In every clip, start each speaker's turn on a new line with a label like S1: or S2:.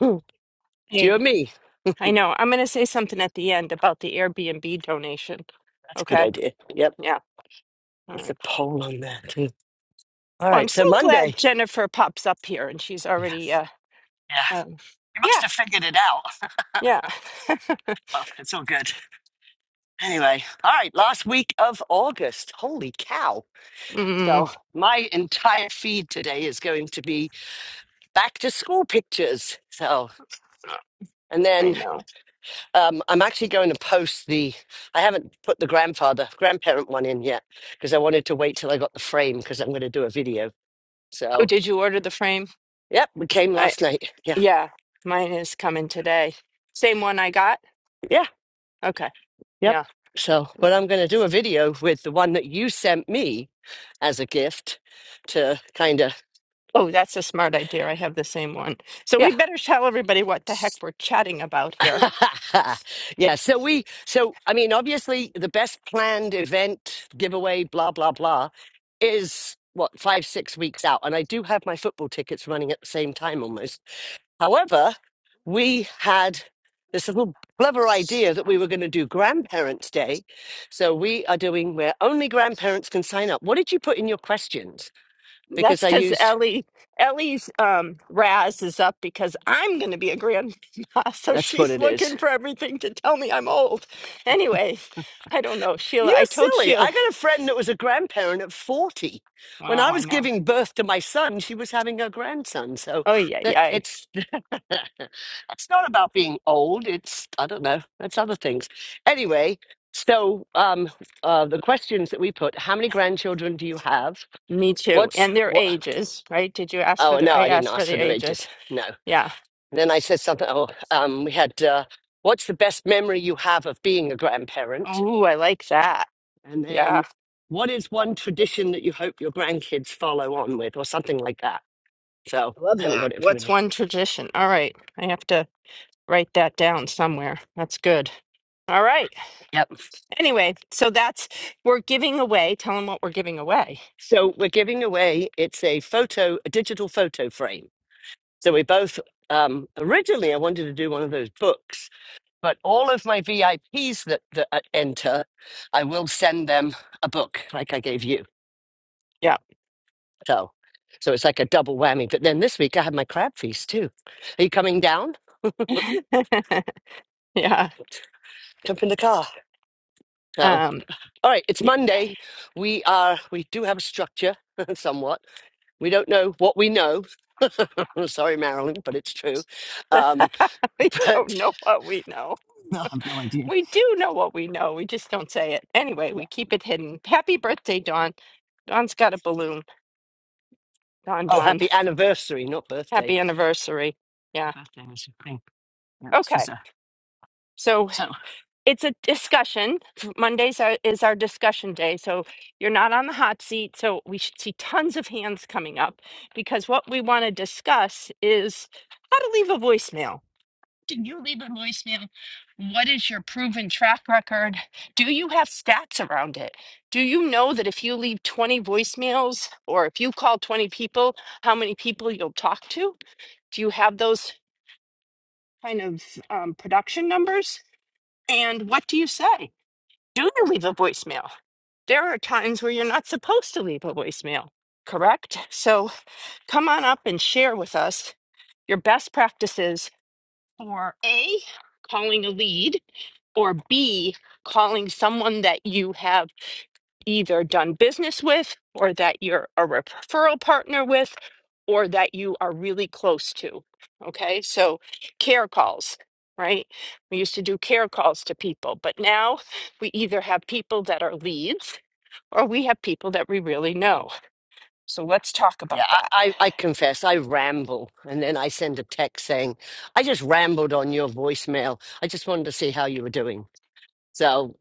S1: Hmm, Do
S2: Hey,
S1: you and me?
S2: I know. I'm going to say something at the end about the Airbnb donation.
S1: That's a good
S2: Okay.
S1: idea. Yep.
S2: Yeah. All
S1: What's the
S2: right.
S1: poll on there too? All
S2: Well, I'm
S1: right. So
S2: so glad
S1: Monday.
S2: Jennifer pops up here and she's already,
S1: Yes.
S2: uh,
S1: Yeah.
S2: um,
S1: You must
S2: yeah,
S1: have figured it out.
S2: yeah.
S1: Well, it's all good. Anyway. All right. Last week of August. Holy cow.
S2: Mm,
S1: So my entire feed today is going to be back to school pictures. So and
S2: I
S1: then
S2: know.
S1: um, I'm actually going to post the. I haven't put the grandfather, grandparent one in yet because I wanted to wait till I got the frame because I'm going to do a video.
S2: Oh,
S1: So,
S2: did you order the frame?
S1: yep, we came
S2: I,
S1: last night. Yeah.
S2: yeah, mine is coming today. Same one I got?
S1: Yeah.
S2: Okay.
S1: Yep.
S2: Yeah.
S1: So, but I'm going to do a video with the one that you sent me as a gift to kind of,
S2: Oh, that's a smart idea. I have the same one. So we
S1: yeah.
S2: better tell everybody what the heck we're chatting about here.
S1: yeah. So we, so, I mean, obviously the best planned event, giveaway, blah, blah, blah is what, five, six weeks out. And I do have my football tickets running at the same time almost. However, we had this little clever idea that we were going to do Grandparents' Day. So we are doing where only grandparents can sign up. What did you put in your questions? Because
S2: That's
S1: I
S2: because
S1: used
S2: Ellie Ellie's um Raz is up because I'm gonna be a grandma, so
S1: that's what
S2: she's
S1: it
S2: looking
S1: is.
S2: for everything to tell me I'm old. Anyway, I don't know. Sheila,
S1: You're
S2: I told
S1: silly.
S2: Sheila
S1: I got a friend that was a grandparent at 40. When
S2: Wow,
S1: I
S2: I
S1: was
S2: know.
S1: giving birth to my son, she was having her grandson. So
S2: Oh yeah,
S1: that
S2: yeah.
S1: it's it's not about being old. It's I don't know. That's other things. Anyway, so um, uh, the questions that we put: How many grandchildren do you have?
S2: Me too.
S1: What's
S2: And their
S1: what?
S2: ages, right? Did you ask for
S1: Oh
S2: their
S1: no,
S2: I
S1: I didn't
S2: asked for
S1: ask for
S2: their
S1: their ages.
S2: ages.
S1: No.
S2: Yeah.
S1: And then I said something. Oh, um, we had uh, what's the best memory you have of being a grandparent?
S2: Oh, I like that.
S1: And
S2: Yeah.
S1: then what is one tradition that you hope your grandkids follow on with, or something like that. So
S2: I love
S1: I haven't
S2: that.
S1: got it in front of
S2: What's
S1: me.
S2: one tradition? All right. I have to write that down somewhere. That's good. All right.
S1: Yep.
S2: Anyway, so that's we're giving away. Tell them what we're giving away.
S1: So we're giving away. It's a photo, a digital photo frame So we both um, originally I wanted to do one of those books, but all of my VIPs that, that uh, enter, I will send them a book like I gave you.
S2: Yeah.
S1: So so it's like a double whammy. But then this week I had my crab feast too. Are you coming down?
S2: yeah.
S1: Jump in the car. So
S2: Um,
S1: all right, it's
S2: yeah,
S1: Monday. We are we do have a structure somewhat. We don't know what we know. Sorry, Marilyn, but it's true. Um,
S2: we don't
S1: but
S2: know what we know.
S1: no, I have no idea.
S2: We do know what we know. We just don't say it. Anyway, we keep it hidden. Happy birthday, Dawn. Dawn's got a balloon. Dawn,
S1: Oh,
S2: Dawn.
S1: happy anniversary, not birthday.
S2: Happy anniversary. Yeah.
S1: Birthday was a thing. Yeah, she's
S2: Okay.
S1: a-
S2: So
S1: So
S2: it's a discussion. Mondays are, is our discussion day. So you're not on the hot seat. So we should see tons of hands coming up because what we want to discuss is how to leave a voicemail. Did you leave a voicemail? What is your proven track record? Do you have stats around it? Do you know that if you leave 20 voicemails or if you call 20 people, how many people you'll talk to? Do you have those kind of um, production numbers? And what do you say? do you leave a voicemail? There are times where you're not supposed to leave a voicemail, correct? So come on up and share with us your best practices for A, calling a lead, or B, calling someone that you have either done business with, or that you're a referral partner with, or that you are really close to. Okay, so care calls, right? We used to do care calls to people, but now we either have people that are leads or we have people that we really know. So let's talk
S1: yeah,
S2: about that.
S1: I, I, I confess I ramble, and then I send a text saying I just rambled on your voicemail. I just wanted to see how you were doing. So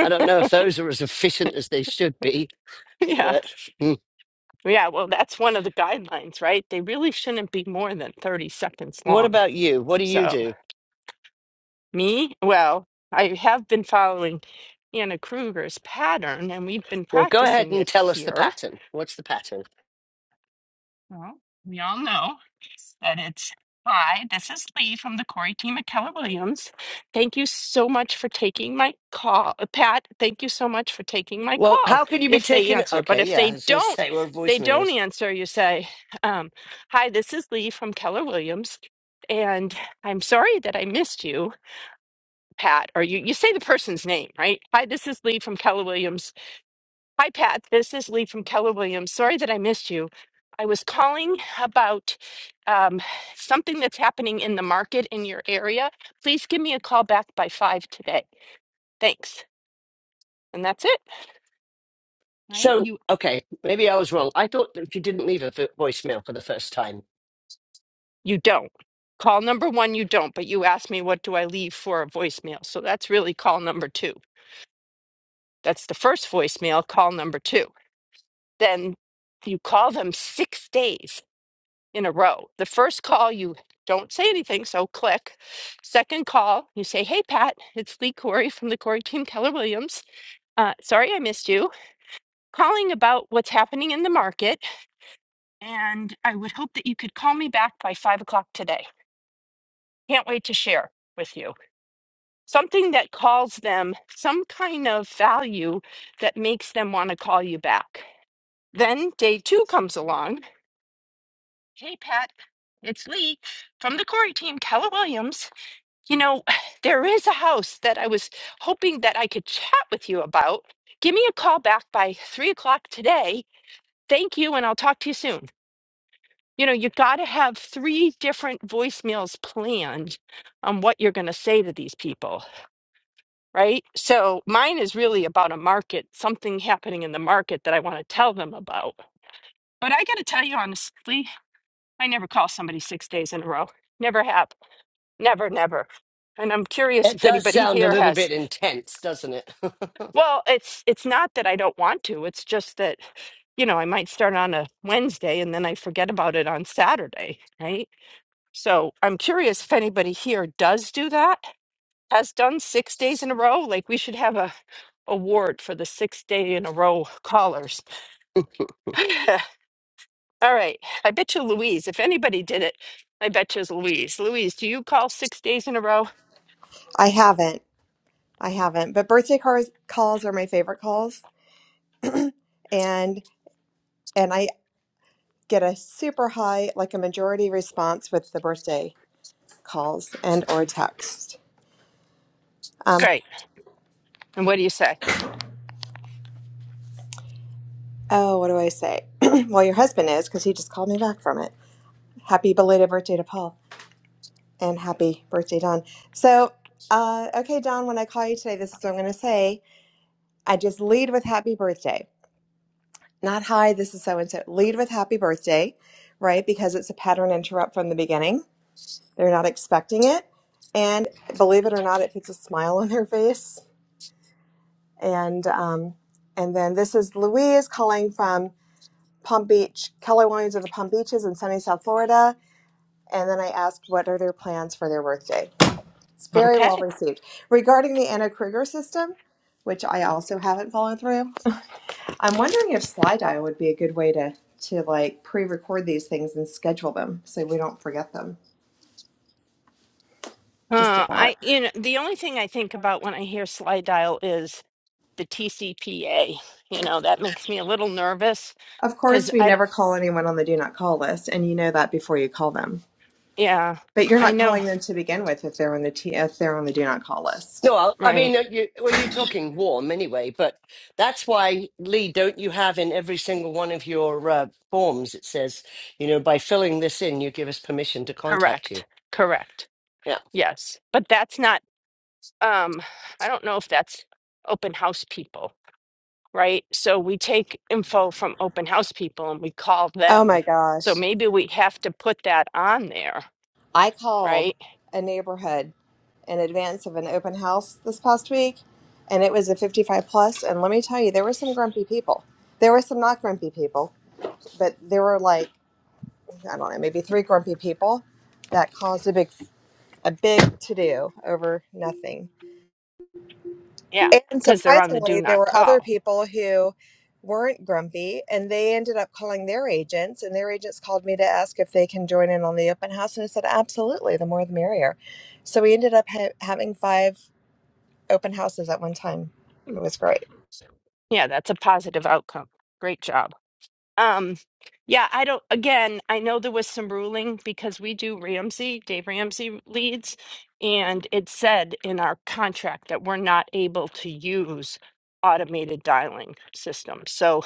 S1: I don't know if those are as efficient as they should be,
S2: Yeah.
S1: but mm.
S2: Yeah. Well, that's one of the guidelines, right? They really shouldn't be more than 30 seconds
S1: what
S2: long.
S1: about you? What do you
S2: So,
S1: do?
S2: me, well, I have been following Anna Kruger's pattern and we've been
S1: Well, go ahead
S2: practicing
S1: and
S2: it
S1: tell us the
S2: here.
S1: pattern. What's the pattern?
S2: Well, we all know that it's hi. This is Lee from the Corey team at Keller Williams. Thank you so much for taking my call, Uh, Pat. Thank you so much for taking my
S1: Well,
S2: call.
S1: how can you be
S2: If they
S1: taken?
S2: answer, but
S1: Okay,
S2: if
S1: yeah, I
S2: they
S1: was going to
S2: don't,
S1: say we're
S2: they don't
S1: voicemails.
S2: answer. You say, um, "Hi, this is Lee from Keller Williams, and I'm sorry that I missed you." Pat, or you, you say the person's name, right? Hi, this is Lee from Keller Williams. Hi, Pat. This is Lee from Keller Williams. Sorry that I missed you. I was calling about um, something that's happening in the market in your area. Please give me a call back by five today. Thanks. And that's it, right?
S1: So,
S2: You
S1: okay, maybe I was wrong. I thought that you didn't leave a vo- voicemail for the first time.
S2: you don't. Call number one, you don't, but you asked me what do I leave for a voicemail. So that's really call number two. That's the first voicemail, call number two. Then you call them six days in a row. The first call, you don't say anything, so click. Second call, you say, Hey, Pat, it's Lee Corey from the Corey team, Keller Williams. Uh, sorry I missed you. Calling about what's happening in the market, and I would hope that you could call me back by five o'clock today. Can't wait to share with you. Something that calls them some kind of value that makes them want to call you back. Then day two comes along. Hey, Pat, it's Lee from the Corey team, Keller Williams. You know, there is a house that I was hoping that I could chat with you about. Give me a call back by three o'clock today. Thank you, and I'll talk to you soon. You know, you got to have three different voicemails planned on what you're going to say to these people, right? So mine is really about a market, something happening in the market that I want to tell them about. But I got to tell you honestly, I never call somebody six days in a row. Never have. Never, never. And I'm curious
S1: It
S2: if
S1: does
S2: anybody
S1: sound a
S2: here
S1: little
S2: has.
S1: bit intense, doesn't it? no,
S2: Well, it's it's not that I don't want to. It's just that, you know, I might start on a Wednesday and then I forget about it on Saturday, right? So I'm curious if anybody here does do that, has done six days in a row. Like we should have a award for the six day in a row callers. All right. I bet you Louise, if anybody did it, I bet you it's Louise. Louise, do you call six days in a row?
S3: I haven't. I haven't. But birthday cars, calls are my favorite calls, and and I get a super high, like a majority response with the birthday calls and or text. Um,
S2: Great. And what do you say?
S3: oh, what do I say? well, your husband is because he just called me back from it. Happy belated birthday to Paul, and happy birthday, Don. So, uh, okay, Don, when I call you today, this is what I'm going to say. I just lead with happy birthday, not hi. This is so and so. Lead with happy birthday, right? Because it's a pattern interrupt from the beginning They're not expecting it. And believe it or not, it puts a smile on their face. And um, and then this is Louise calling from Palm Beach, Keller Williams of the Palm Beaches in sunny South Florida. And then I asked, what are their plans for their birthday? It's very
S2: Okay.
S3: well received. Regarding the Anna Kruger system, which I also haven't followed through, I'm wondering if slide would be a good way to to like pre-record these things and schedule them so we don't forget them. Just a
S2: Uh,
S3: thought.
S2: I you know the only thing I think about when I hear slide dial is the TCPA. You know that makes me a little nervous
S3: Of
S2: because
S3: course, we
S2: I
S3: never call anyone on the do not call list, and you know that before you call them.
S2: yeah
S3: But you're
S2: I
S3: not
S2: know
S3: calling them to begin with if they're on the t- if they're on the do not call list.
S1: I'll- I
S2: right
S1: mean, uh, you, when you're talking warm anyway, but that's why, Lee, don't you have in every single one of your uh, forms, it says, you know, by filling this in, you give us permission to contact you.
S2: correct correct
S1: Yeah.
S2: yes but that's not um I don't know if that's open house people right so we take info from open house people and we call
S3: Oh
S2: them
S3: my
S2: so
S3: gosh!
S2: maybe we have to put that on there
S3: I called
S2: right
S3: a neighborhood in advance of an open house this past week, and it was a 55 plus. And let me tell you, there were some grumpy people. There were some not grumpy people, but there were like I don't know, maybe three grumpy people that caused a big a big to do over nothing.
S2: yeah
S3: And
S2: because they're on the do
S3: surprisingly, there
S2: not
S3: were other
S2: call
S3: people who weren't grumpy and they ended up calling their agents and their agents called me to ask if they can join in on the open house and I said absolutely the more the merrier. So we ended up ha- having five open houses at one time. It was great.
S2: Yeah, that's a positive outcome. Great job. Um, yeah, I don't, again, I know there was some ruling because we do Ramsey, Dave Ramsey leads, and it said in our contract that we're not able to use automated dialing systems. So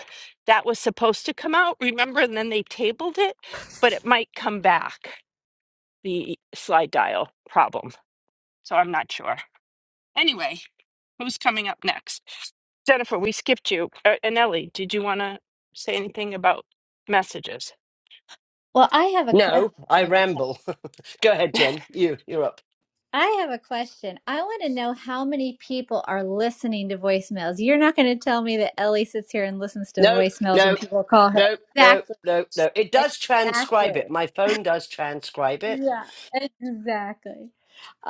S2: that was supposed to come out, remember? And then they tabled it, but it might come back, the slide dial problem. So I'm not sure. Anyway, who's coming up next? Jennifer, we skipped you. Uh, and Ellie, did you want to say anything about messages?
S4: Well, I have a question.
S1: No, I
S4: Okay.
S1: ramble. Go ahead, Jen. You, you're up.
S4: I have a question. I want to know how many people are listening to voicemails. You're not going to tell me that Ellie sits here and listens to
S1: No,
S4: voicemails when
S1: no,
S4: people call her.
S1: no, no,
S4: Exactly.
S1: no, no. It does transcribe
S4: Exactly.
S1: it. My phone does transcribe it
S4: Yeah. Exactly.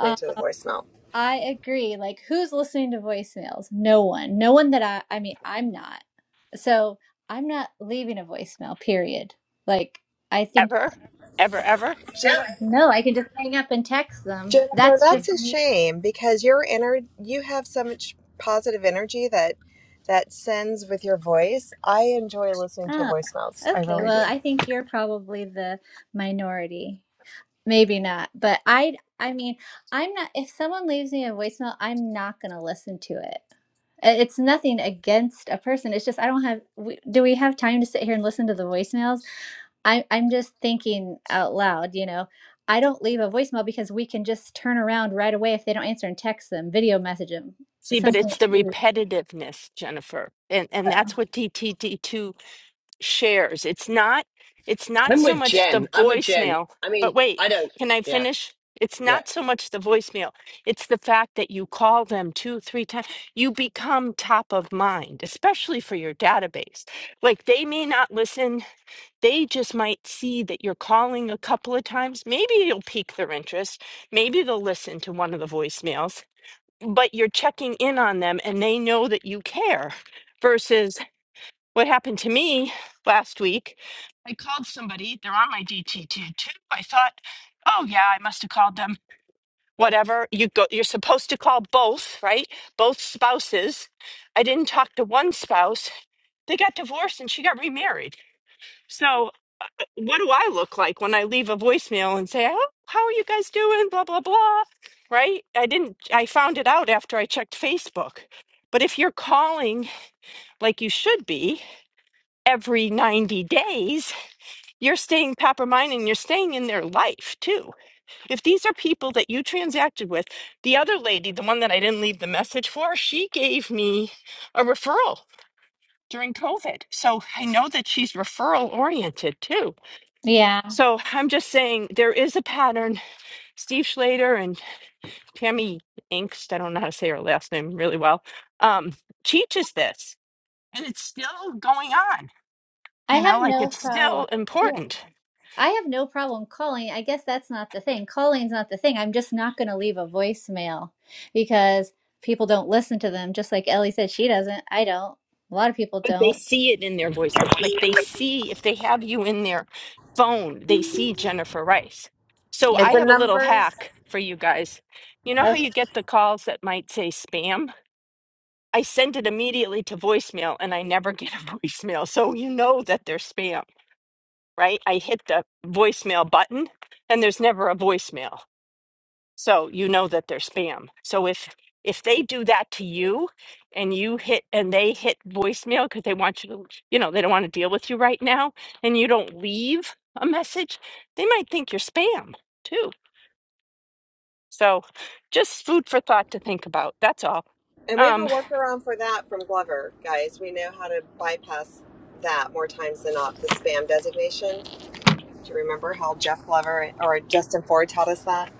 S3: Listening to the voicemail.
S4: I agree. Like, who's listening to voicemails? No one. No one that I, I mean, I'm not. So I'm not leaving a voicemail, period. Like, I think,
S2: Ever? Ever, ever?
S3: Jen-
S4: no, I can just hang up and text them.
S3: Jennifer,
S4: That's
S2: Mm.
S3: that's
S4: just
S3: a
S4: me
S3: shame because your inner you have so much positive energy that that sends with your voice. I enjoy listening to your
S4: Oh,
S3: voicemails. I
S4: okay.
S3: really do.
S4: Well, I think you're probably the minority. Maybe not, but I I mean, I'm not if someone leaves me a voicemail, I'm not going to listen to it. I- It's nothing against a person. It's just I don't have we, do we have time to sit here and listen to the voicemails? I I'm just thinking out loud, you know. I don't leave a voicemail because we can just turn around right away if they don't answer and text them, video message them,
S2: See, but
S4: something.
S2: it's the repetitiveness, Jennifer. And and that's what DTD2 shares. It's not it's not
S1: I'm
S2: so
S1: with
S2: much the
S1: Jen. I'm with Jen.
S2: voicemail,
S1: I mean,
S2: but wait,
S1: I don't.
S2: can I
S1: Yeah,
S2: finish? It's
S1: yeah.
S2: not so much the voicemail. It's the fact that you call them two, three times. You become top of mind, especially for your database. Like they may not listen. They just might see that you're calling a couple of times. Maybe it'll pique their interest. Maybe they'll listen to one of the voicemails, but you're checking in on them and they know that you care Versus. What happened to me last week, I called somebody, they're on my DT2 too. I thought, oh yeah, I must have called them. Whatever. You go you're supposed to call both, right? Both spouses. I didn't talk to one spouse. They got divorced and she got remarried. So uh, what do I look like when I leave a voicemail and say, Oh, how are you guys doing? Blah blah blah. Right? I didn't I found it out after I checked Facebook. But if you're calling like you should be every 90 days, you're staying Pappermine and you're staying in their life too. If these are people that you transacted with, the other lady, the one that I didn't leave the message for, she gave me a referral during COVID. So I know that she's referral oriented too.
S4: Yeah.
S2: So I'm just saying there is a pattern. Steve Schlater and Tammy Inkst, I don't know how to say her last name really well, um, teaches this. And it's still going on,
S4: I
S2: you know,
S4: have
S2: like
S4: no
S2: it's still
S4: problem.
S2: important.
S4: I have no problem calling. I guess that's not the thing. Calling's not the thing. I'm just not going to leave a voicemail because people don't listen to them. Just like Ellie said, she doesn't. I don't. A lot of people
S2: but they
S4: don't.
S2: see it in their voicemail. Like they see if they have you in their phone, they see Jennifer Rice. So I
S3: It's a
S4: Yeah.
S2: have a little
S3: numbers.
S2: hack for you guys. You know how you get the calls that might say spam? I send it immediately to voicemail and I never get a voicemail. So you know that they're spam, right? I hit the voicemail button and there's never a voicemail. So you know that they're spam. So if if they do that to you and you hit and they hit voicemail because they want you to, you know, they don't want to deal with you right now and you don't leave a message, they might think you're spam too. So just food for thought to think about. That's all.
S3: And we have a
S2: Um
S3: workaround for that from Glover, guys. We know how to bypass that more times than not, the spam designation. Do you remember how Jeff Glover or Justin Ford taught us that?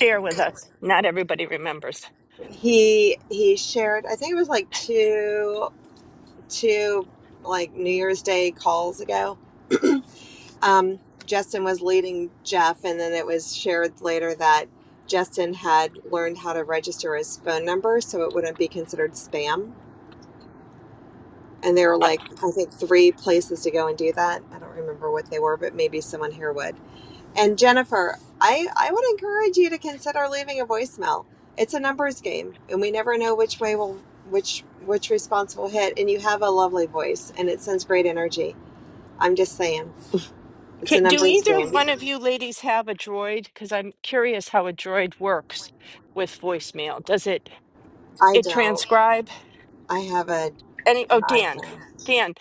S2: share with us. Not everybody remembers.
S3: He he shared, I think it was like two two like New Year's Day calls ago. Um, Justin was leading Jeff, and then it was shared later that Justin had learned how to register his phone number so it wouldn't be considered spam And there were
S2: Uh,
S3: like, I think, three places to go and do that. I don't remember what they were, but maybe someone here would. And Jennifer, I, I would encourage you to consider leaving a voicemail. It's a numbers game, and we never know which way will which which response will hit. And you have a lovely voice, and it sends great energy. I'm just saying, it's
S2: ca-
S3: a
S2: Do
S3: numbers
S2: either
S3: game.
S2: one of you ladies have a droid? Because I'm curious how a droid works with voicemail. Does it
S3: I
S2: it
S3: don't.
S2: transcribe?
S3: I have a
S2: Any?
S3: an
S2: Oh, Dan,
S3: iPhone.
S2: Dan,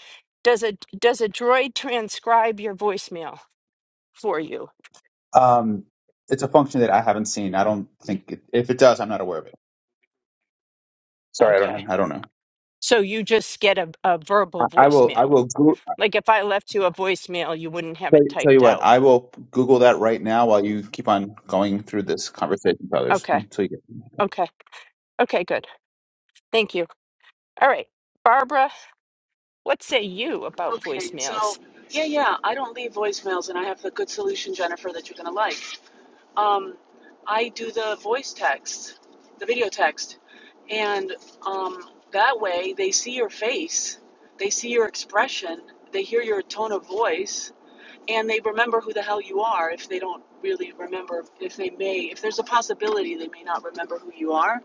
S2: does a does a droid transcribe your voicemail for you?
S5: Um, it's a function that I haven't seen. I don't think it, if it does, I'm not aware of it. Sorry, I
S2: Okay,
S5: don't. I don't know.
S2: so you just get a, a
S5: I,
S2: verbal
S5: I will. I
S2: voicemail.
S5: will. Go,
S2: Like if I left you a voicemail, you wouldn't have
S5: tell,
S2: it
S5: you- tell you
S2: typed
S5: what.
S2: out.
S5: I will Google that right now while you keep on going through this conversation with others
S2: Okay,
S5: until you get.
S2: okay, okay, good. Thank you. All right, Barbara, what say you about
S6: Okay,
S2: voicemails?
S6: so yeah, yeah, I don't leave voicemails, and I have the good solution, Jennifer, that you're gonna like. Um, I do the voice text, the video text, and um, that way they see your face, they see your expression, they hear your tone of voice, and they remember who the hell you are if they don't really remember, if they may, if there's a possibility they may not remember who you are,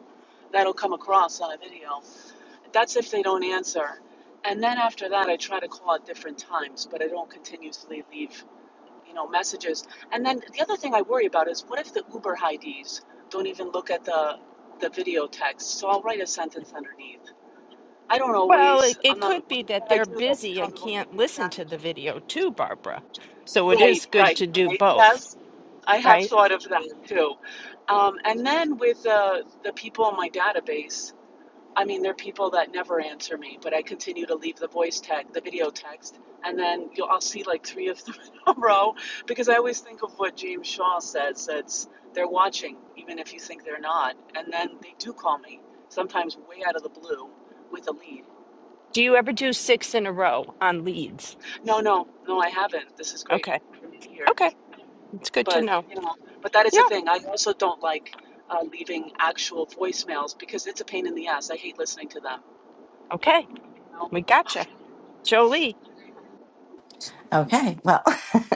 S6: that'll come across on a video. That's if they don't answer. And then after that, I try to call at different times, but I don't continuously leave, you know, messages. And then the other thing I worry about is what if the Uber IDs don't even look at the the video text? So I'll write a sentence underneath. I don't
S2: Well, it,
S6: always.
S2: it
S6: I'm not.
S2: could be that
S6: I
S2: they're
S6: do like
S2: busy and
S6: kind of
S2: can't
S6: overthink
S2: listen
S6: that.
S2: to the video too, Barbara. So it
S6: Right,
S2: is good
S6: right,
S2: to do
S6: right.
S2: both,
S6: Yes, I have
S2: right?
S6: thought of that too. Um, and then with the the people in my database, I mean, there are people that never answer me, but I continue to leave the voice text, the video text, and then you'll, I'll see like three of them in a row because I always think of what James Shaw says that's they're watching, even if you think they're not. And then they do call me, sometimes way out of the blue with a lead.
S2: Do you ever do six in a row on leads?
S6: No, no, no, I haven't. This is great
S2: Okay.
S6: for me here.
S2: Okay, it's good to
S6: But,
S2: know.
S6: you know, but that is a
S2: Yeah,
S6: thing. I also don't like uh, leaving actual voicemails because it's a pain in the ass. I hate listening to them.
S2: okay,
S6: You know?
S2: we
S6: Okay.
S2: gotcha. Jolie.
S7: Okay, well,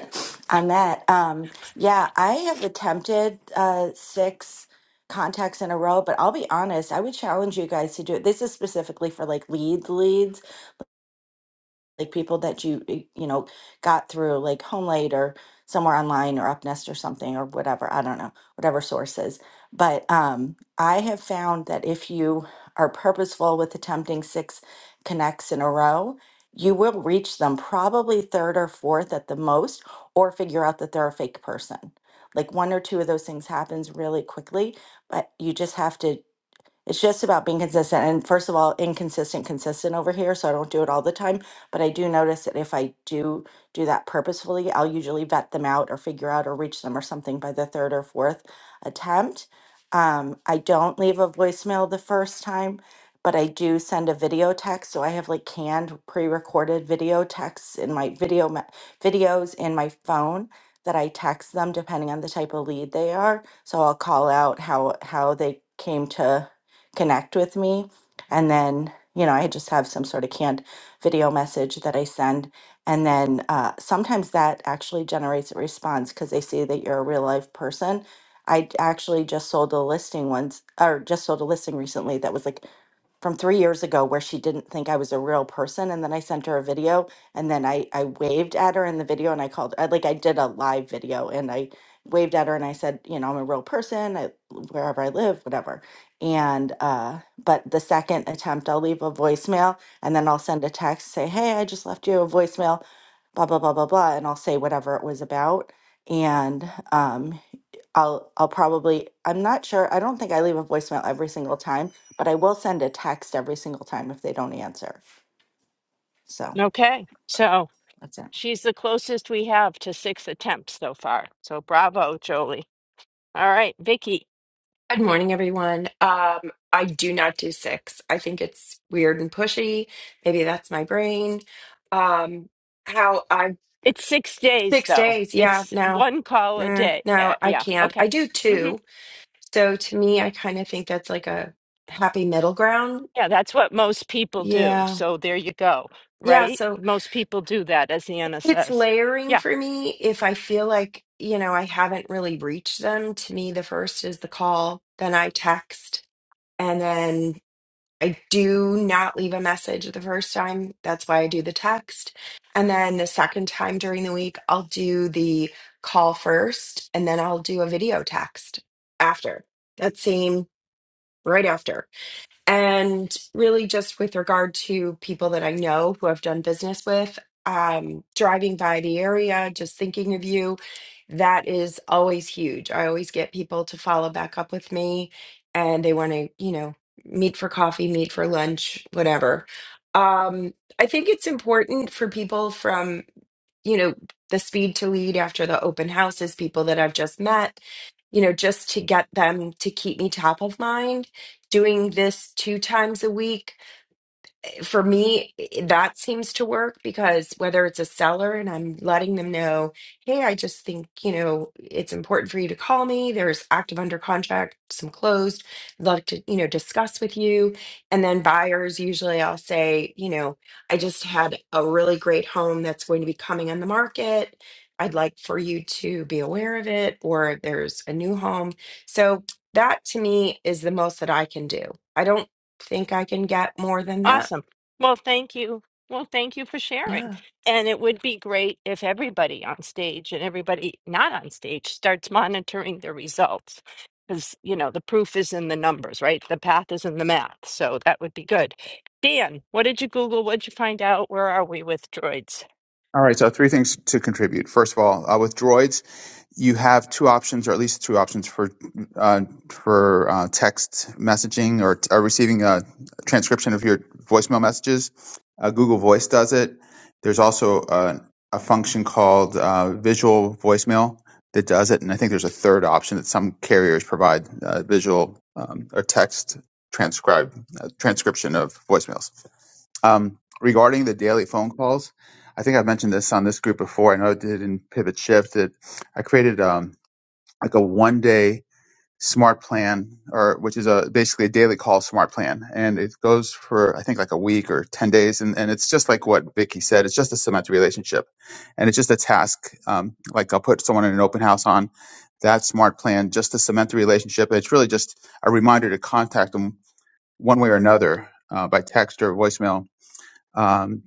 S7: on that, um, yeah, I have attempted uh, six contacts in a row, but I'll be honest, I would challenge you guys to do it. This is specifically for like lead leads like people that you eh, you know got through like HomeLate or somewhere online or UpNest or something or whatever I don't know whatever sources. But um, I have found that if you are purposeful with attempting six connects in a row, you will reach them probably third or fourth at the most, or figure out that they're a fake person. Like one or two of those things happens really quickly, but you just have to it's just about being consistent. And first of all, inconsistent, consistent over here. So I don't do it all the time. But I do notice that if I do do that purposefully, I'll usually vet them out or figure out or reach them or something by the third or fourth attempt. Um, I don't leave a voicemail the first time, but I do send a video text. So I have like canned pre recorded video texts in my video me- videos in my phone that I text them depending on the type of lead they are. So I'll call out how how they came to connect with me. And then, you know, I just have some sort of canned video message that I send. And then uh, sometimes that actually generates a response because they see that you're a real life person. I actually just sold a listing once, or just sold a listing recently that was like from three years ago where she didn't think I was a real person. And then I sent her a video and then I, I waved at her in the video and I called, I, like I did a live video and I waved at her and I said, you know, I'm a real person I, wherever I live, whatever. And, uh, but the second attempt, I'll leave a voicemail and then I'll send a text, say, hey, I just left you a voicemail, blah, blah, blah, blah, blah. And I'll say whatever it was about. And, um, I'll I'll probably I'm not sure. I don't think I leave a voicemail every single time, but I will send a text every single time if they don't answer. So
S2: Okay, so
S7: that's it.
S2: she's the closest we have to six attempts so far. So bravo, Jolie. All right, Vicky.
S8: Good morning, everyone. Um, I do not do six. I think it's weird and pushy. Maybe that's my brain. Um, how I
S2: It's six days
S8: six
S2: though.
S8: days? Yeah,
S2: It's
S8: no,
S2: one call a
S8: nah,
S2: day. Uh,
S8: no, I
S2: yeah,
S8: can't.
S2: okay.
S8: I do
S2: hmm
S8: two. So to me, I kind of think that's like a happy middle ground.
S2: Yeah, that's what most people do.
S8: Yeah,
S2: So there you go,
S8: yeah.
S2: right?
S8: So
S2: Most people do that, as Anna
S8: it's
S2: says.
S8: layering
S2: Yeah.
S8: for me. If I feel like you know I haven't really reached them, to me, the first is the call. Then I text. And then I do not leave a message the first time. That's why I do the text. And then the second time during the week, I'll do the call first and then I'll do a video text after that same right after. And really, just with regard to people that I know who I've done business with, um, driving by the area, just thinking of you, that is always huge. I always get people to follow back up with me and they want to, you know, meet for coffee, meet for lunch, whatever. Um, I think it's important for people from, you know, the speed to lead after the open houses, people that I've just met, you know, just to get them to keep me top of mind doing this two times a week for me, that seems to work because whether it's a seller and I'm letting them know, hey, I just think, you know, it's important for you to call me. There's active under contract, some closed. I'd love to, you know, discuss with you. And then buyers, usually I'll say, you know, I just had a really great home that's going to be coming on the market. I'd like for you to be aware of it, or there's a new home. So that to me is the most that I can do. I don't think I can get more than that
S2: Awesome. Well, thank you. Well, thank you for
S8: yeah.
S2: sharing. And it would be great if everybody on stage and everybody not on stage starts monitoring the results. Because, you know, the proof is in the numbers, right? The path is in the math. So that would be good. Dan, what did you Google? What did you find out? Where are we with droids?
S5: All right. So three things to contribute. First of all, uh, with droids. you have two options, or at least two options for uh, for uh, text messaging or, or receiving a transcription of your voicemail messages. Uh, Google Voice does it. There's also a, a function called uh, Visual Voicemail that does it, and I think there's a third option that some carriers provide: uh, visual um, or text transcribe uh, transcription of voicemails. Um, regarding the daily phone calls, I think I've mentioned this on this group before. I know I did in Pivot Shift that I created um, like a one day smart plan, or which is a basically a daily call smart plan, and it goes for I think like a week or ten days, and, and it's just like what Vicky said. It's just a cement relationship, and it's just a task. Um, like I'll put someone in an open house on that smart plan just to cement the relationship. It's really just a reminder to contact them one way or another uh, by text or voicemail Um,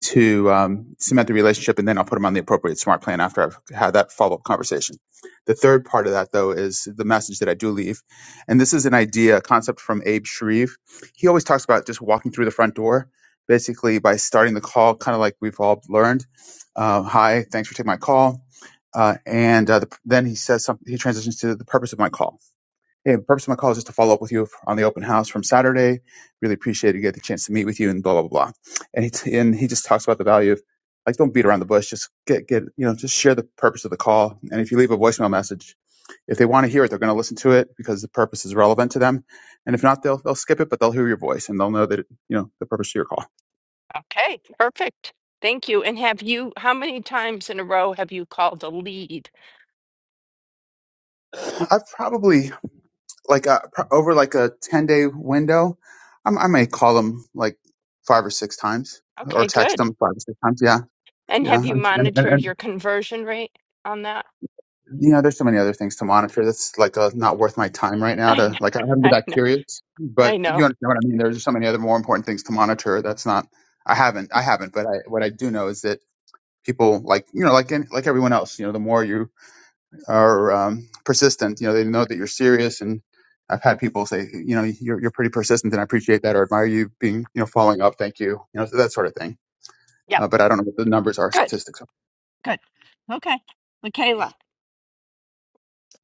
S5: to um, cement the relationship, and then I'll put them on the appropriate smart plan after I've had that follow up conversation. The third part of that, though, is the message that I do leave. And this is an idea, a concept from Abe Shreve. He always talks about just walking through the front door, basically by starting the call, kind of like we've all learned. Uh, Hi, thanks for taking my call. Uh, and uh, the, then he says something, he transitions to the purpose of my call Hey, the purpose of my call is just to follow up with you on the open house from Saturday. Really appreciate it. Get the chance to meet with you and blah blah blah. And he and he just talks about the value of like don't beat around the bush. Just get get you know just share the purpose of the call. And if you leave a voicemail message, if they want to hear it, they're going to listen to it because the purpose is relevant to them. And if not, they'll they'll skip it, but they'll hear your voice and they'll know that it, you know the purpose of your call.
S2: Okay, perfect. Thank you. And have you, how many times in a row have you called a lead?
S5: I've probably like uh pro- over like a ten day window, I'm, I may call them like five or six times or
S2: Okay,
S5: text them
S2: good.
S5: five or six times. Yeah
S2: And
S5: Yeah,
S2: have you
S5: and, and, and,
S2: monitored
S5: and
S2: your conversion rate on that?
S5: you know, there's so many other things to monitor. That's like uh, not worth my time right now.
S2: I
S5: To
S2: know.
S5: like, I haven't been
S2: I
S5: that
S2: know.
S5: curious,
S2: I
S5: but you
S2: know.
S5: understand what I mean. There's so many other more important things to monitor. That's not. I haven't. I haven't. But I, what I do know is that people like you know, like any, like everyone else. You know, the more you are um, persistent, you know, they know that you're serious. And I've had people say, you know, you're you're pretty persistent, and I appreciate that, or admire you being, you know, following up. Thank you. You know, so that sort of thing.
S2: Yep.
S5: Uh, but I don't know what the numbers are
S2: Good.
S5: statistics.
S2: Good. Okay. Michaela,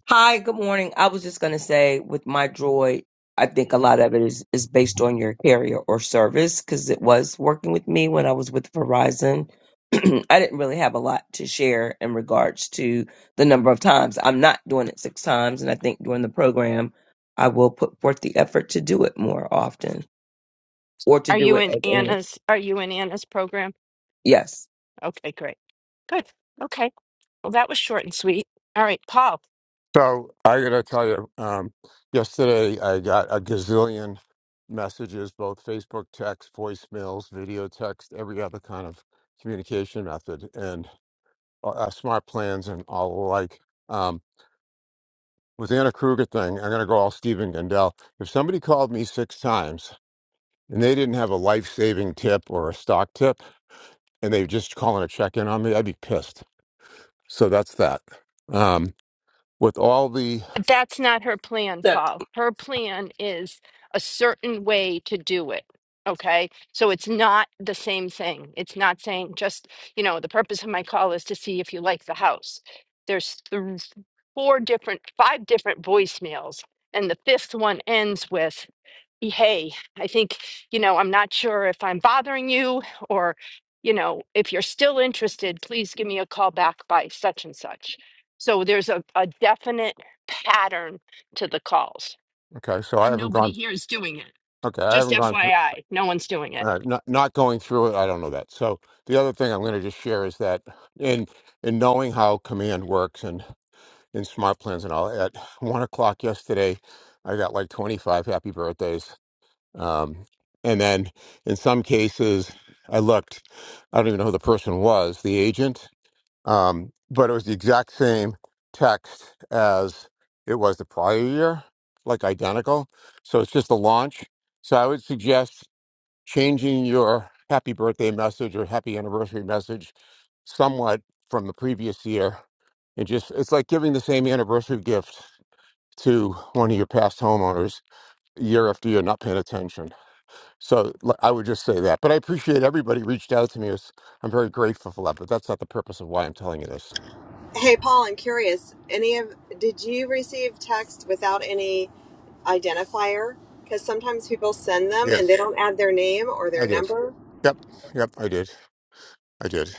S9: Hi, good morning. I was just going to say with my droid, I think a lot of it is, is based on your carrier or service because it was working with me when I was with Verizon. I didn't really have a lot to share in regards to the number of times. I'm not doing it six times, and I think during the program, I will put forth the effort to do it more often or to
S2: are
S9: do
S2: you
S9: it
S2: in
S9: as
S2: Anna's are you in Anna's program?
S9: Yes.
S2: Okay, great. Good. Okay. Well, that was short and sweet. All right, Paul.
S10: So I gotta tell you, um, yesterday I got a gazillion messages, both Facebook text, voicemails, video text, every other kind of communication method, and uh, uh, smart plans and all the like. Um, with the Anna Kruger thing, I'm gonna go all Stephen Gundell. If somebody called me six times and they didn't have a life-saving tip or a stock tip, and they were just calling a check-in on me, I'd be pissed. So that's that. Um, with all the
S2: That's not her plan,
S1: Look,
S2: Paul. Her plan is a certain way to do it. Okay. So it's not the same thing. It's not saying just, you know, the purpose of my call is to see if you like the house. There's th- four different, five different voicemails, and the fifth one ends with hey, I think, you know, I'm not sure if I'm bothering you or, you know, if you're still interested, please give me a call back by such and such. So there's a, a definite pattern to the calls,
S10: okay, so I
S2: and
S10: haven't
S2: nobody
S10: gone.
S2: here is doing it.
S10: Okay, I
S2: Just
S10: haven't gone through.
S2: FYI, no one's doing it.
S10: uh, not not going through it, I don't know that. So the other thing I'm going to just share is that in in knowing how command works and in smart plans and all, at one o'clock yesterday, I got like 25 happy birthdays, um, and then in some cases, I looked, I don't even know who the person was, the agent, um, but it was the exact same text as it was the prior year, like identical. So it's just a launch. So I would suggest changing your happy birthday message or happy anniversary message somewhat from the previous year and just it's like giving the same anniversary gift to one of your past homeowners year after year not paying attention so l- i would just say that but i appreciate everybody reached out to me It's- i'm very grateful for that but that's not the purpose of why i'm telling you this
S3: Hey, Paul, I'm curious. Any of did you receive text without any identifier? Because sometimes people send them and they
S10: yes
S3: don't add their name or their
S10: i did
S3: number.
S10: yep yep i did i did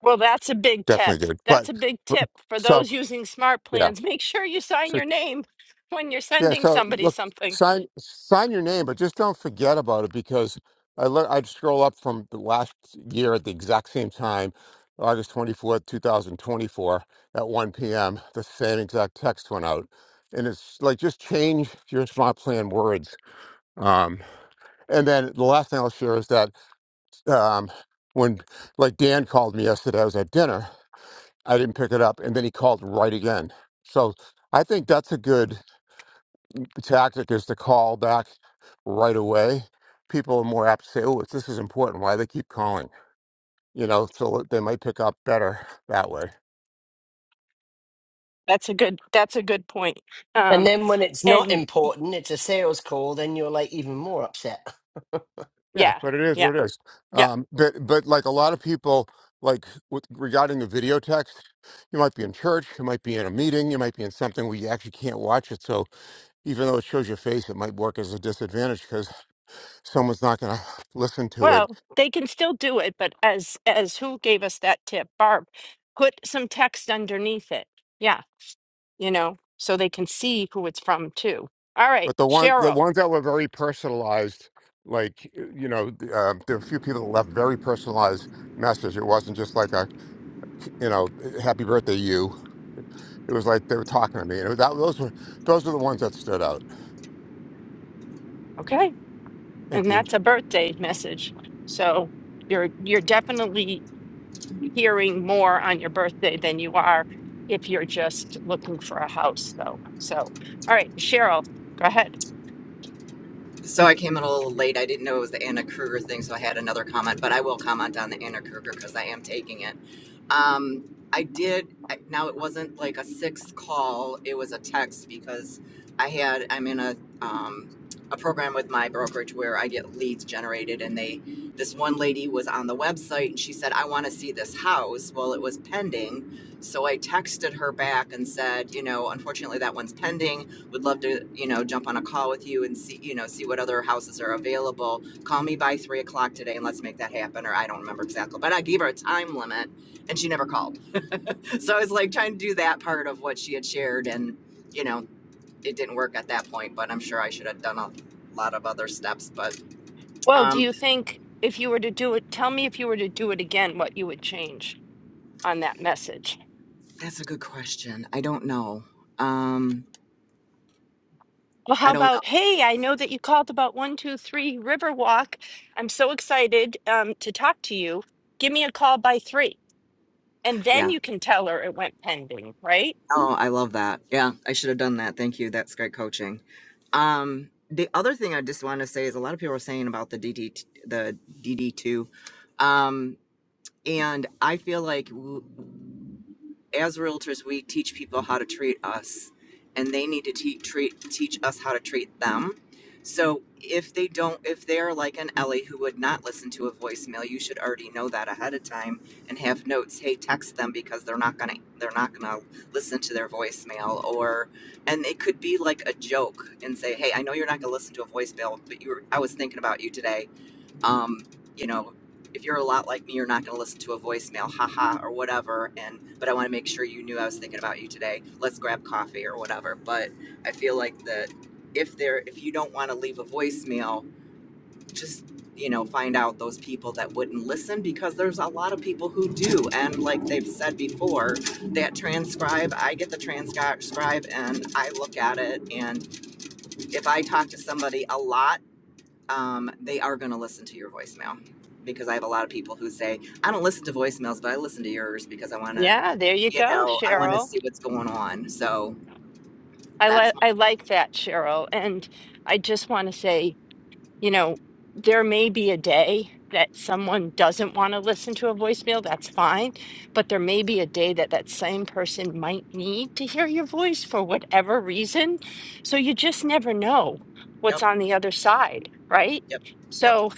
S2: Well, that's a big tip.
S10: definitely did but
S2: That's a big
S10: but-
S2: tip for
S10: so
S2: those using smart
S10: yeah
S2: plans. Make sure you sign
S10: So.
S2: your name when you're
S10: Yeah,
S2: sending
S10: so
S2: somebody
S10: look,
S2: something.
S10: sign sign your name, but just don't forget about it because I learned I'd scroll up from the last year at the exact same time, August 24th, 2024, at 1 p.m. The same exact text went out. And it's like just change your smart plan words. Um, and then the last thing I'll share is that um, when like Dan called me yesterday, I was at dinner. I didn't pick it up, and then he called right again. So I think that's a good the tactic is to call back right away, people are more apt to say, "Oh, it's- this is important. Why they keep calling?" You know, so they might pick up better that way.
S2: That's a good that's a good point.
S1: and
S2: Um
S1: then when it's not
S2: and y-
S1: important, it's a sales call. Then you're like even more upset.
S10: Yeah,
S2: yeah,
S10: but it is
S2: yeah,
S10: what it is.
S2: yeah.
S10: Um, but but like a lot of people, like with, regarding the video text, you might be in church, you might be in a meeting, you might be in something where you actually can't watch it. So even though it shows your face, it might work as a disadvantage because someone's not going to listen to it
S2: Well, they can still do it, but as as who gave us that tip? Barb, put some text underneath it. Yeah, you know, so they can see who it's from too. All right,
S10: But the one, the
S2: Cheryl.
S10: ones that were very personalized, like you know, uh, there were a few people that left very personalized message. It wasn't just like a, you know, eh, happy birthday you. It was like they were talking to me, and that, those were those were the ones that stood out.
S2: Okay.
S10: Thank
S2: And
S10: you,
S2: that's a birthday message. So you're you're definitely hearing more on your birthday than you are if you're just looking for a house, though. So, all right, Cheryl, go ahead.
S11: So I came in a little late. I didn't know it was the Anna Kruger thing, so I had another comment, but I will comment on the Anna Kruger because I am taking it. Um, I did. Now it wasn't like a sixth call; it was a text because I had. I'm in a um, a program with my brokerage where I get leads generated, and they. This one lady was on the website, and she said, "I want to see this house." Well, it was pending, so I texted her back and said, "You know, unfortunately, that one's pending. Would love to, you know, jump on a call with you and see, you know, see what other houses are available. Call me by three o'clock today, and let's make that happen." Or I don't remember exactly, but I gave her a time limit and she never called. So I was like trying to do that part of what she had shared, and you know, it didn't work at that point. But I'm sure I should have done a lot of other steps. But
S2: Well, do
S11: um,
S2: you think if you were to do it, tell me if you were to do it again, what you would change on that message?
S11: that's a good question. I don't know. Um,
S2: Well,
S11: I
S2: how
S11: don't know.
S2: about, hey, I know that you called about 123 Riverwalk. I'm so excited um, to talk to you. Give me a call by three. And then
S11: Yeah.
S2: you can tell her it went pending, right?
S11: Oh, I love that. Yeah, I should have done that. Thank you. That's great coaching. Um, the other thing I just want to say is a lot of people are saying about the DD, the DD two, um, and I feel like. as realtors, we teach people how to treat us, and they need to te- treat teach us how to treat them. So if they don't, if they are like an Ellie who would not listen to a voicemail, you should already know that ahead of time and have notes. Hey, text them because they're not gonna they're not gonna listen to their voicemail. Or and it could be like a joke and say, Hey, I know you're not gonna listen to a voicemail, but you were I was thinking about you today um, you know, if you're a lot like me, you're not going to listen to a voicemail, haha, or whatever. And but I want to make sure you knew I was thinking about you today. Let's grab coffee or whatever. But I feel like that if there, if you don't want to leave a voicemail, just you know, find out those people that wouldn't listen because there's a lot of people who do. And like they've said before, that transcribe, I get the transcribe and I look at it. And if I talk to somebody a lot um, they are going to listen to your voicemail because I have a lot of people who say, I don't listen to voicemails, but I listen to yours because I want to,
S2: Yeah, there you
S11: you
S2: go,
S11: know, I want to
S2: Cheryl.
S11: see what's going on. So
S2: I
S11: that's
S2: like
S11: my,
S2: I like that, Cheryl. And I just want to say, you know, there may be a day that someone doesn't want to listen to a voicemail. That's fine. But there may be a day that that same person might need to hear your voice for whatever reason. So you just never know
S11: yep,
S2: what's on the other side, right?
S11: yep, yep.
S2: So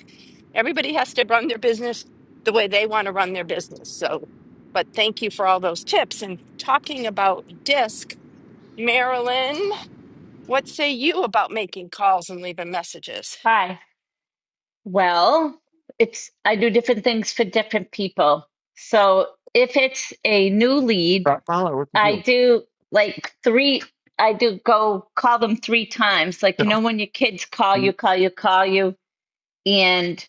S2: everybody has to run their business the way they want to run their business. So, but thank you for all those tips and talking about disc, Marilyn. What say you about making calls and leaving messages?
S12: Hi. Well, it's I do different things for different people. So if it's a new lead,
S10: Right, Tyler, what's the
S12: I
S10: deal?
S12: do like three, I do go call them three times. Like, you know, when your kids call you,
S10: You-
S12: call you, call you. And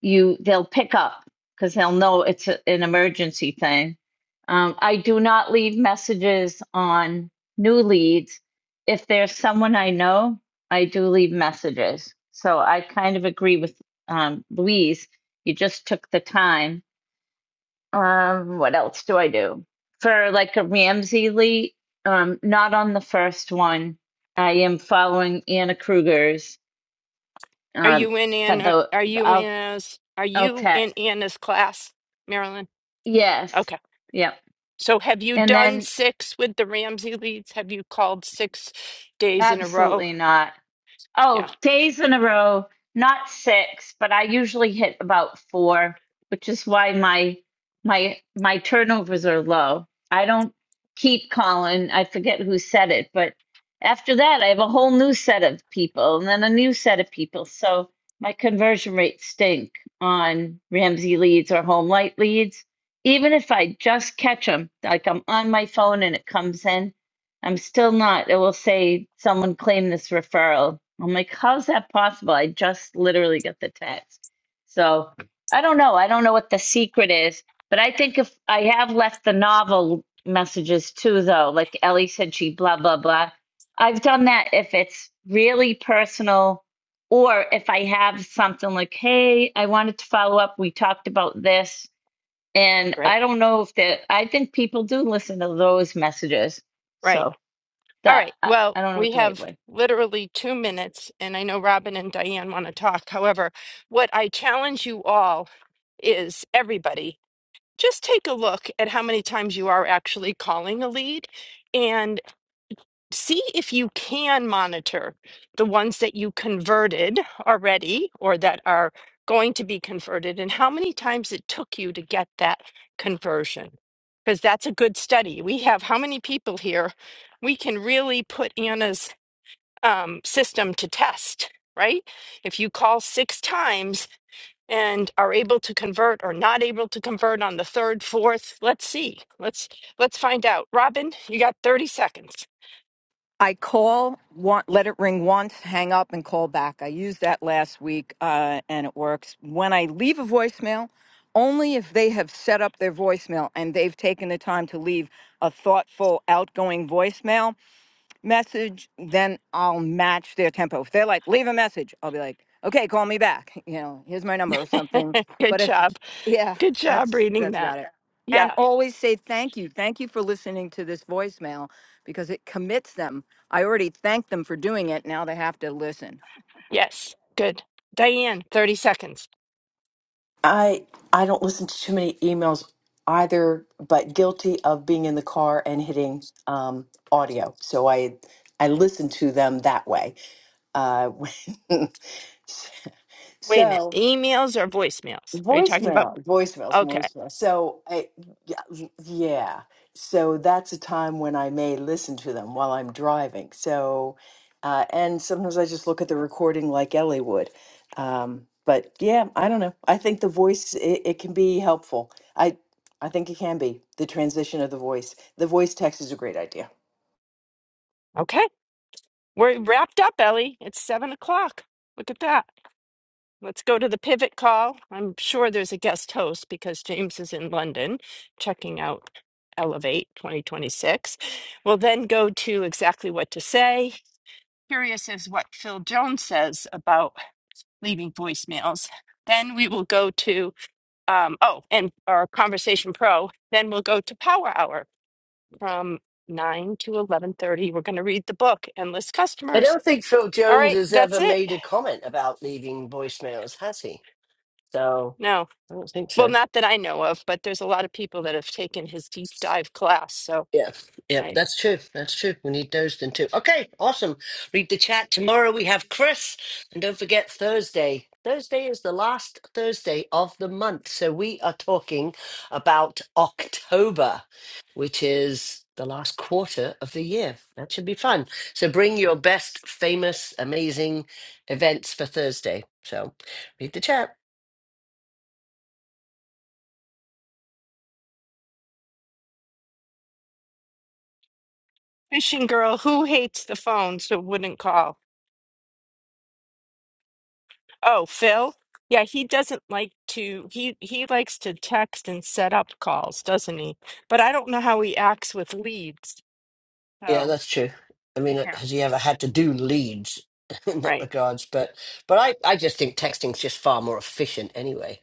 S12: you they'll pick up because they'll know it's a, an emergency thing. Um, I do not leave messages on new leads. If there's someone I know, I do leave messages. So I kind of agree with um, Louise. You just took the time. Um, what else do I do for like a Ramsey lead? Um, not on the first one. I am following Anna Kruger's
S2: Are
S12: um,
S2: you in
S12: for
S2: Anna,
S12: the,
S2: are
S12: the
S2: you in
S12: I'll
S2: as are
S12: I'll
S2: you
S12: tech
S2: in Anna's class, Marilyn?
S12: Yes.
S2: Okay.
S12: Yep.
S2: So have you
S12: And
S2: done
S12: then
S2: six with the Ramsey leads? Have you called six days in a row?
S12: absolutely not.
S2: Yeah,
S12: Oh, days in a row, not six, but I usually hit about four, which is why my my my turnovers are low. I don't keep calling. I forget who said it, but after that I have a whole new set of people and then a new set of people. So my conversion rates stink on Ramsey leads or home light leads. Even if I just catch them, like I'm on my phone and it comes in, I'm still not. It will say someone claimed this referral. I'm like, how's that possible? I just literally got the text. So I don't know. I don't know what the secret is, but I think if I have left the novel messages too, though, like Ellie said, she blah, blah, blah. I've done that if it's really personal or if I have something like, hey, I wanted to follow up. We talked about this. And I
S2: great.
S12: don't know if that, I think people do listen to those messages. So
S2: Right. All
S12: that
S2: right.
S12: I,
S2: Well,
S12: I don't know what
S2: we
S12: the right
S2: have
S12: word
S2: literally two minutes, and I know Robin and Diane want to talk. However, what I challenge you all is everybody, just take a look at how many times you are actually calling a lead and. see if you can monitor the ones that you converted already or that are going to be converted and how many times it took you to get that conversion. Because that's a good study. We have how many people here we can really put Anna's um, system to test, right? If you call six times and are able to convert or not able to convert on the third, fourth, let's see. Let's let's find out. Robin, you got 30 seconds.
S13: I call, want, let it ring once, hang up, and call back. I used that last week, uh, and it works. When I leave a voicemail, only if they have set up their voicemail and they've taken the time to leave a thoughtful, outgoing voicemail, message, then I'll match their tempo. If they're like, leave a message, I'll be like, okay, call me back. You know, here's my number or something.
S2: Good
S13: But if,
S2: job.
S13: yeah,
S2: Good job
S13: that's
S2: reading
S13: that's
S2: that.
S13: about it. And
S2: Yeah.
S13: always say thank you. Thank you for listening to this voicemail because it commits them. I already thanked them for doing it. Now they have to listen.
S2: Yes. Good. Diane, 30 seconds.
S14: I I don't listen to too many emails either, but guilty of being in the car and hitting um, audio. So I I listen to them that way. Uh, when-
S2: Wait a minute.
S14: so
S2: Emails or voicemails? Are you talking about?
S14: Voicemail, voicemails,
S2: Okay.
S14: voicemail. So I, yeah, y- yeah. So that's a time when I may listen to them while I'm driving. So, uh, and sometimes I just look at the recording like Ellie would. Um, but yeah, I don't know. I think the voice it, it can be helpful. I I think it can be the transition of the voice. The voice text is a great idea.
S2: Okay. We're wrapped up, Ellie. It's seven o'clock. Look at that. Let's go to the pivot call. I'm sure there's a guest host because James is in London checking out Elevate 2026. We'll then go to exactly what to say. Curious is what Phil Jones says about leaving voicemails. Then we will go to um, oh, and our conversation pro. Then we'll go to Power Hour from nine to eleven thirty. We're going to read the book, Endless
S1: I
S2: Customers.
S1: don't think Phil
S2: All
S1: Jones
S2: right,
S1: has
S2: that's
S1: ever
S2: it.
S1: made a comment about leaving voicemails, has he? So
S2: No,
S1: I don't think
S2: well,
S1: so.
S2: not that I know of, but there's a lot of people that have taken his deep dive class. So,
S1: Yeah, yeah,
S2: all right.
S1: that's true. That's true. We need Dozden too. Okay, awesome. Read the chat. Tomorrow we have Chris. And don't forget Thursday. Thursday is the last Thursday of the month. So we are talking about October, which is the last quarter of the year. That should be fun. So bring your best, famous, amazing events for Thursday. So read the chat.
S2: fishing girl who hates the phone, so wouldn't call. Oh, Phil. Yeah, he doesn't like to. He he likes to text and set up calls, doesn't he? But I don't know how he acts with leads.
S1: Yeah,
S2: So
S1: that's true. I mean, uh,
S2: yeah,
S1: has he ever had to do leads in that
S2: right.
S1: regards? But but I, I just think texting's just far more efficient anyway,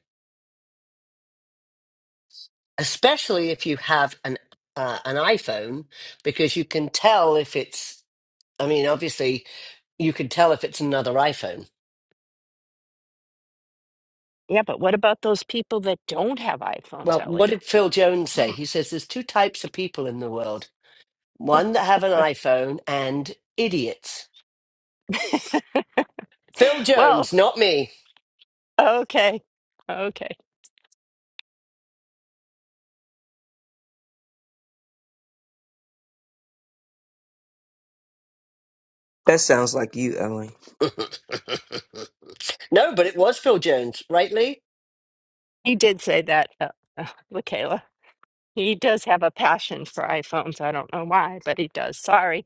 S1: especially if you have an uh, an iPhone because you can tell if it's. I mean, obviously, you can tell if it's another iPhone.
S2: Yeah, but what about those people that don't have iPhones,
S1: Well, what
S2: Ellie?
S1: did Phil Jones say?
S2: Hmm.
S1: He says there's two types of people in the world: one that have an iPhone and idiots. Phil
S2: Well,
S1: Jones, not me.
S2: okay. Okay.
S9: That sounds like you, Ellen.
S1: no, but it was Phil Jones, right, Lee?
S2: He did say that, uh, uh, Michaela. He does have a passion for iPhones. I don't know why, but he does. Sorry.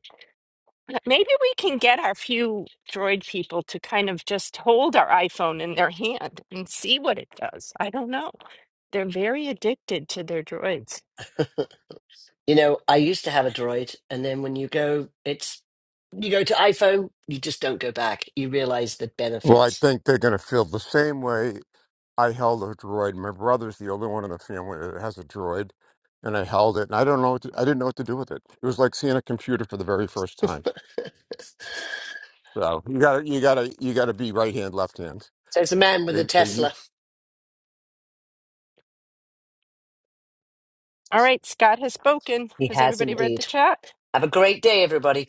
S2: Maybe we can get our few Droid people to kind of just hold our iPhone in their hand and see what it does. I don't know. They're very addicted to their droids.
S1: You know, I used to have a Droid, and then when you go, it's you go to iPhone, you just don't go back. You realize the
S10: Well, I
S1: benefits.
S10: think they're going to feel the same way I held a droid. My brother's the only one in the family that has a droid, and I held it, and I don't know, what to, I didn't know what to do with it. It was like seeing a computer for the very first time. So you gotta you gotta you gotta be right hand, left hand.
S1: So it's a man with a
S10: They they u-
S1: Tesla.
S2: All right, Scott has spoken.
S1: He
S2: Has
S1: has
S2: everybody read the
S1: indeed.
S2: chat?
S1: Have a great day, everybody.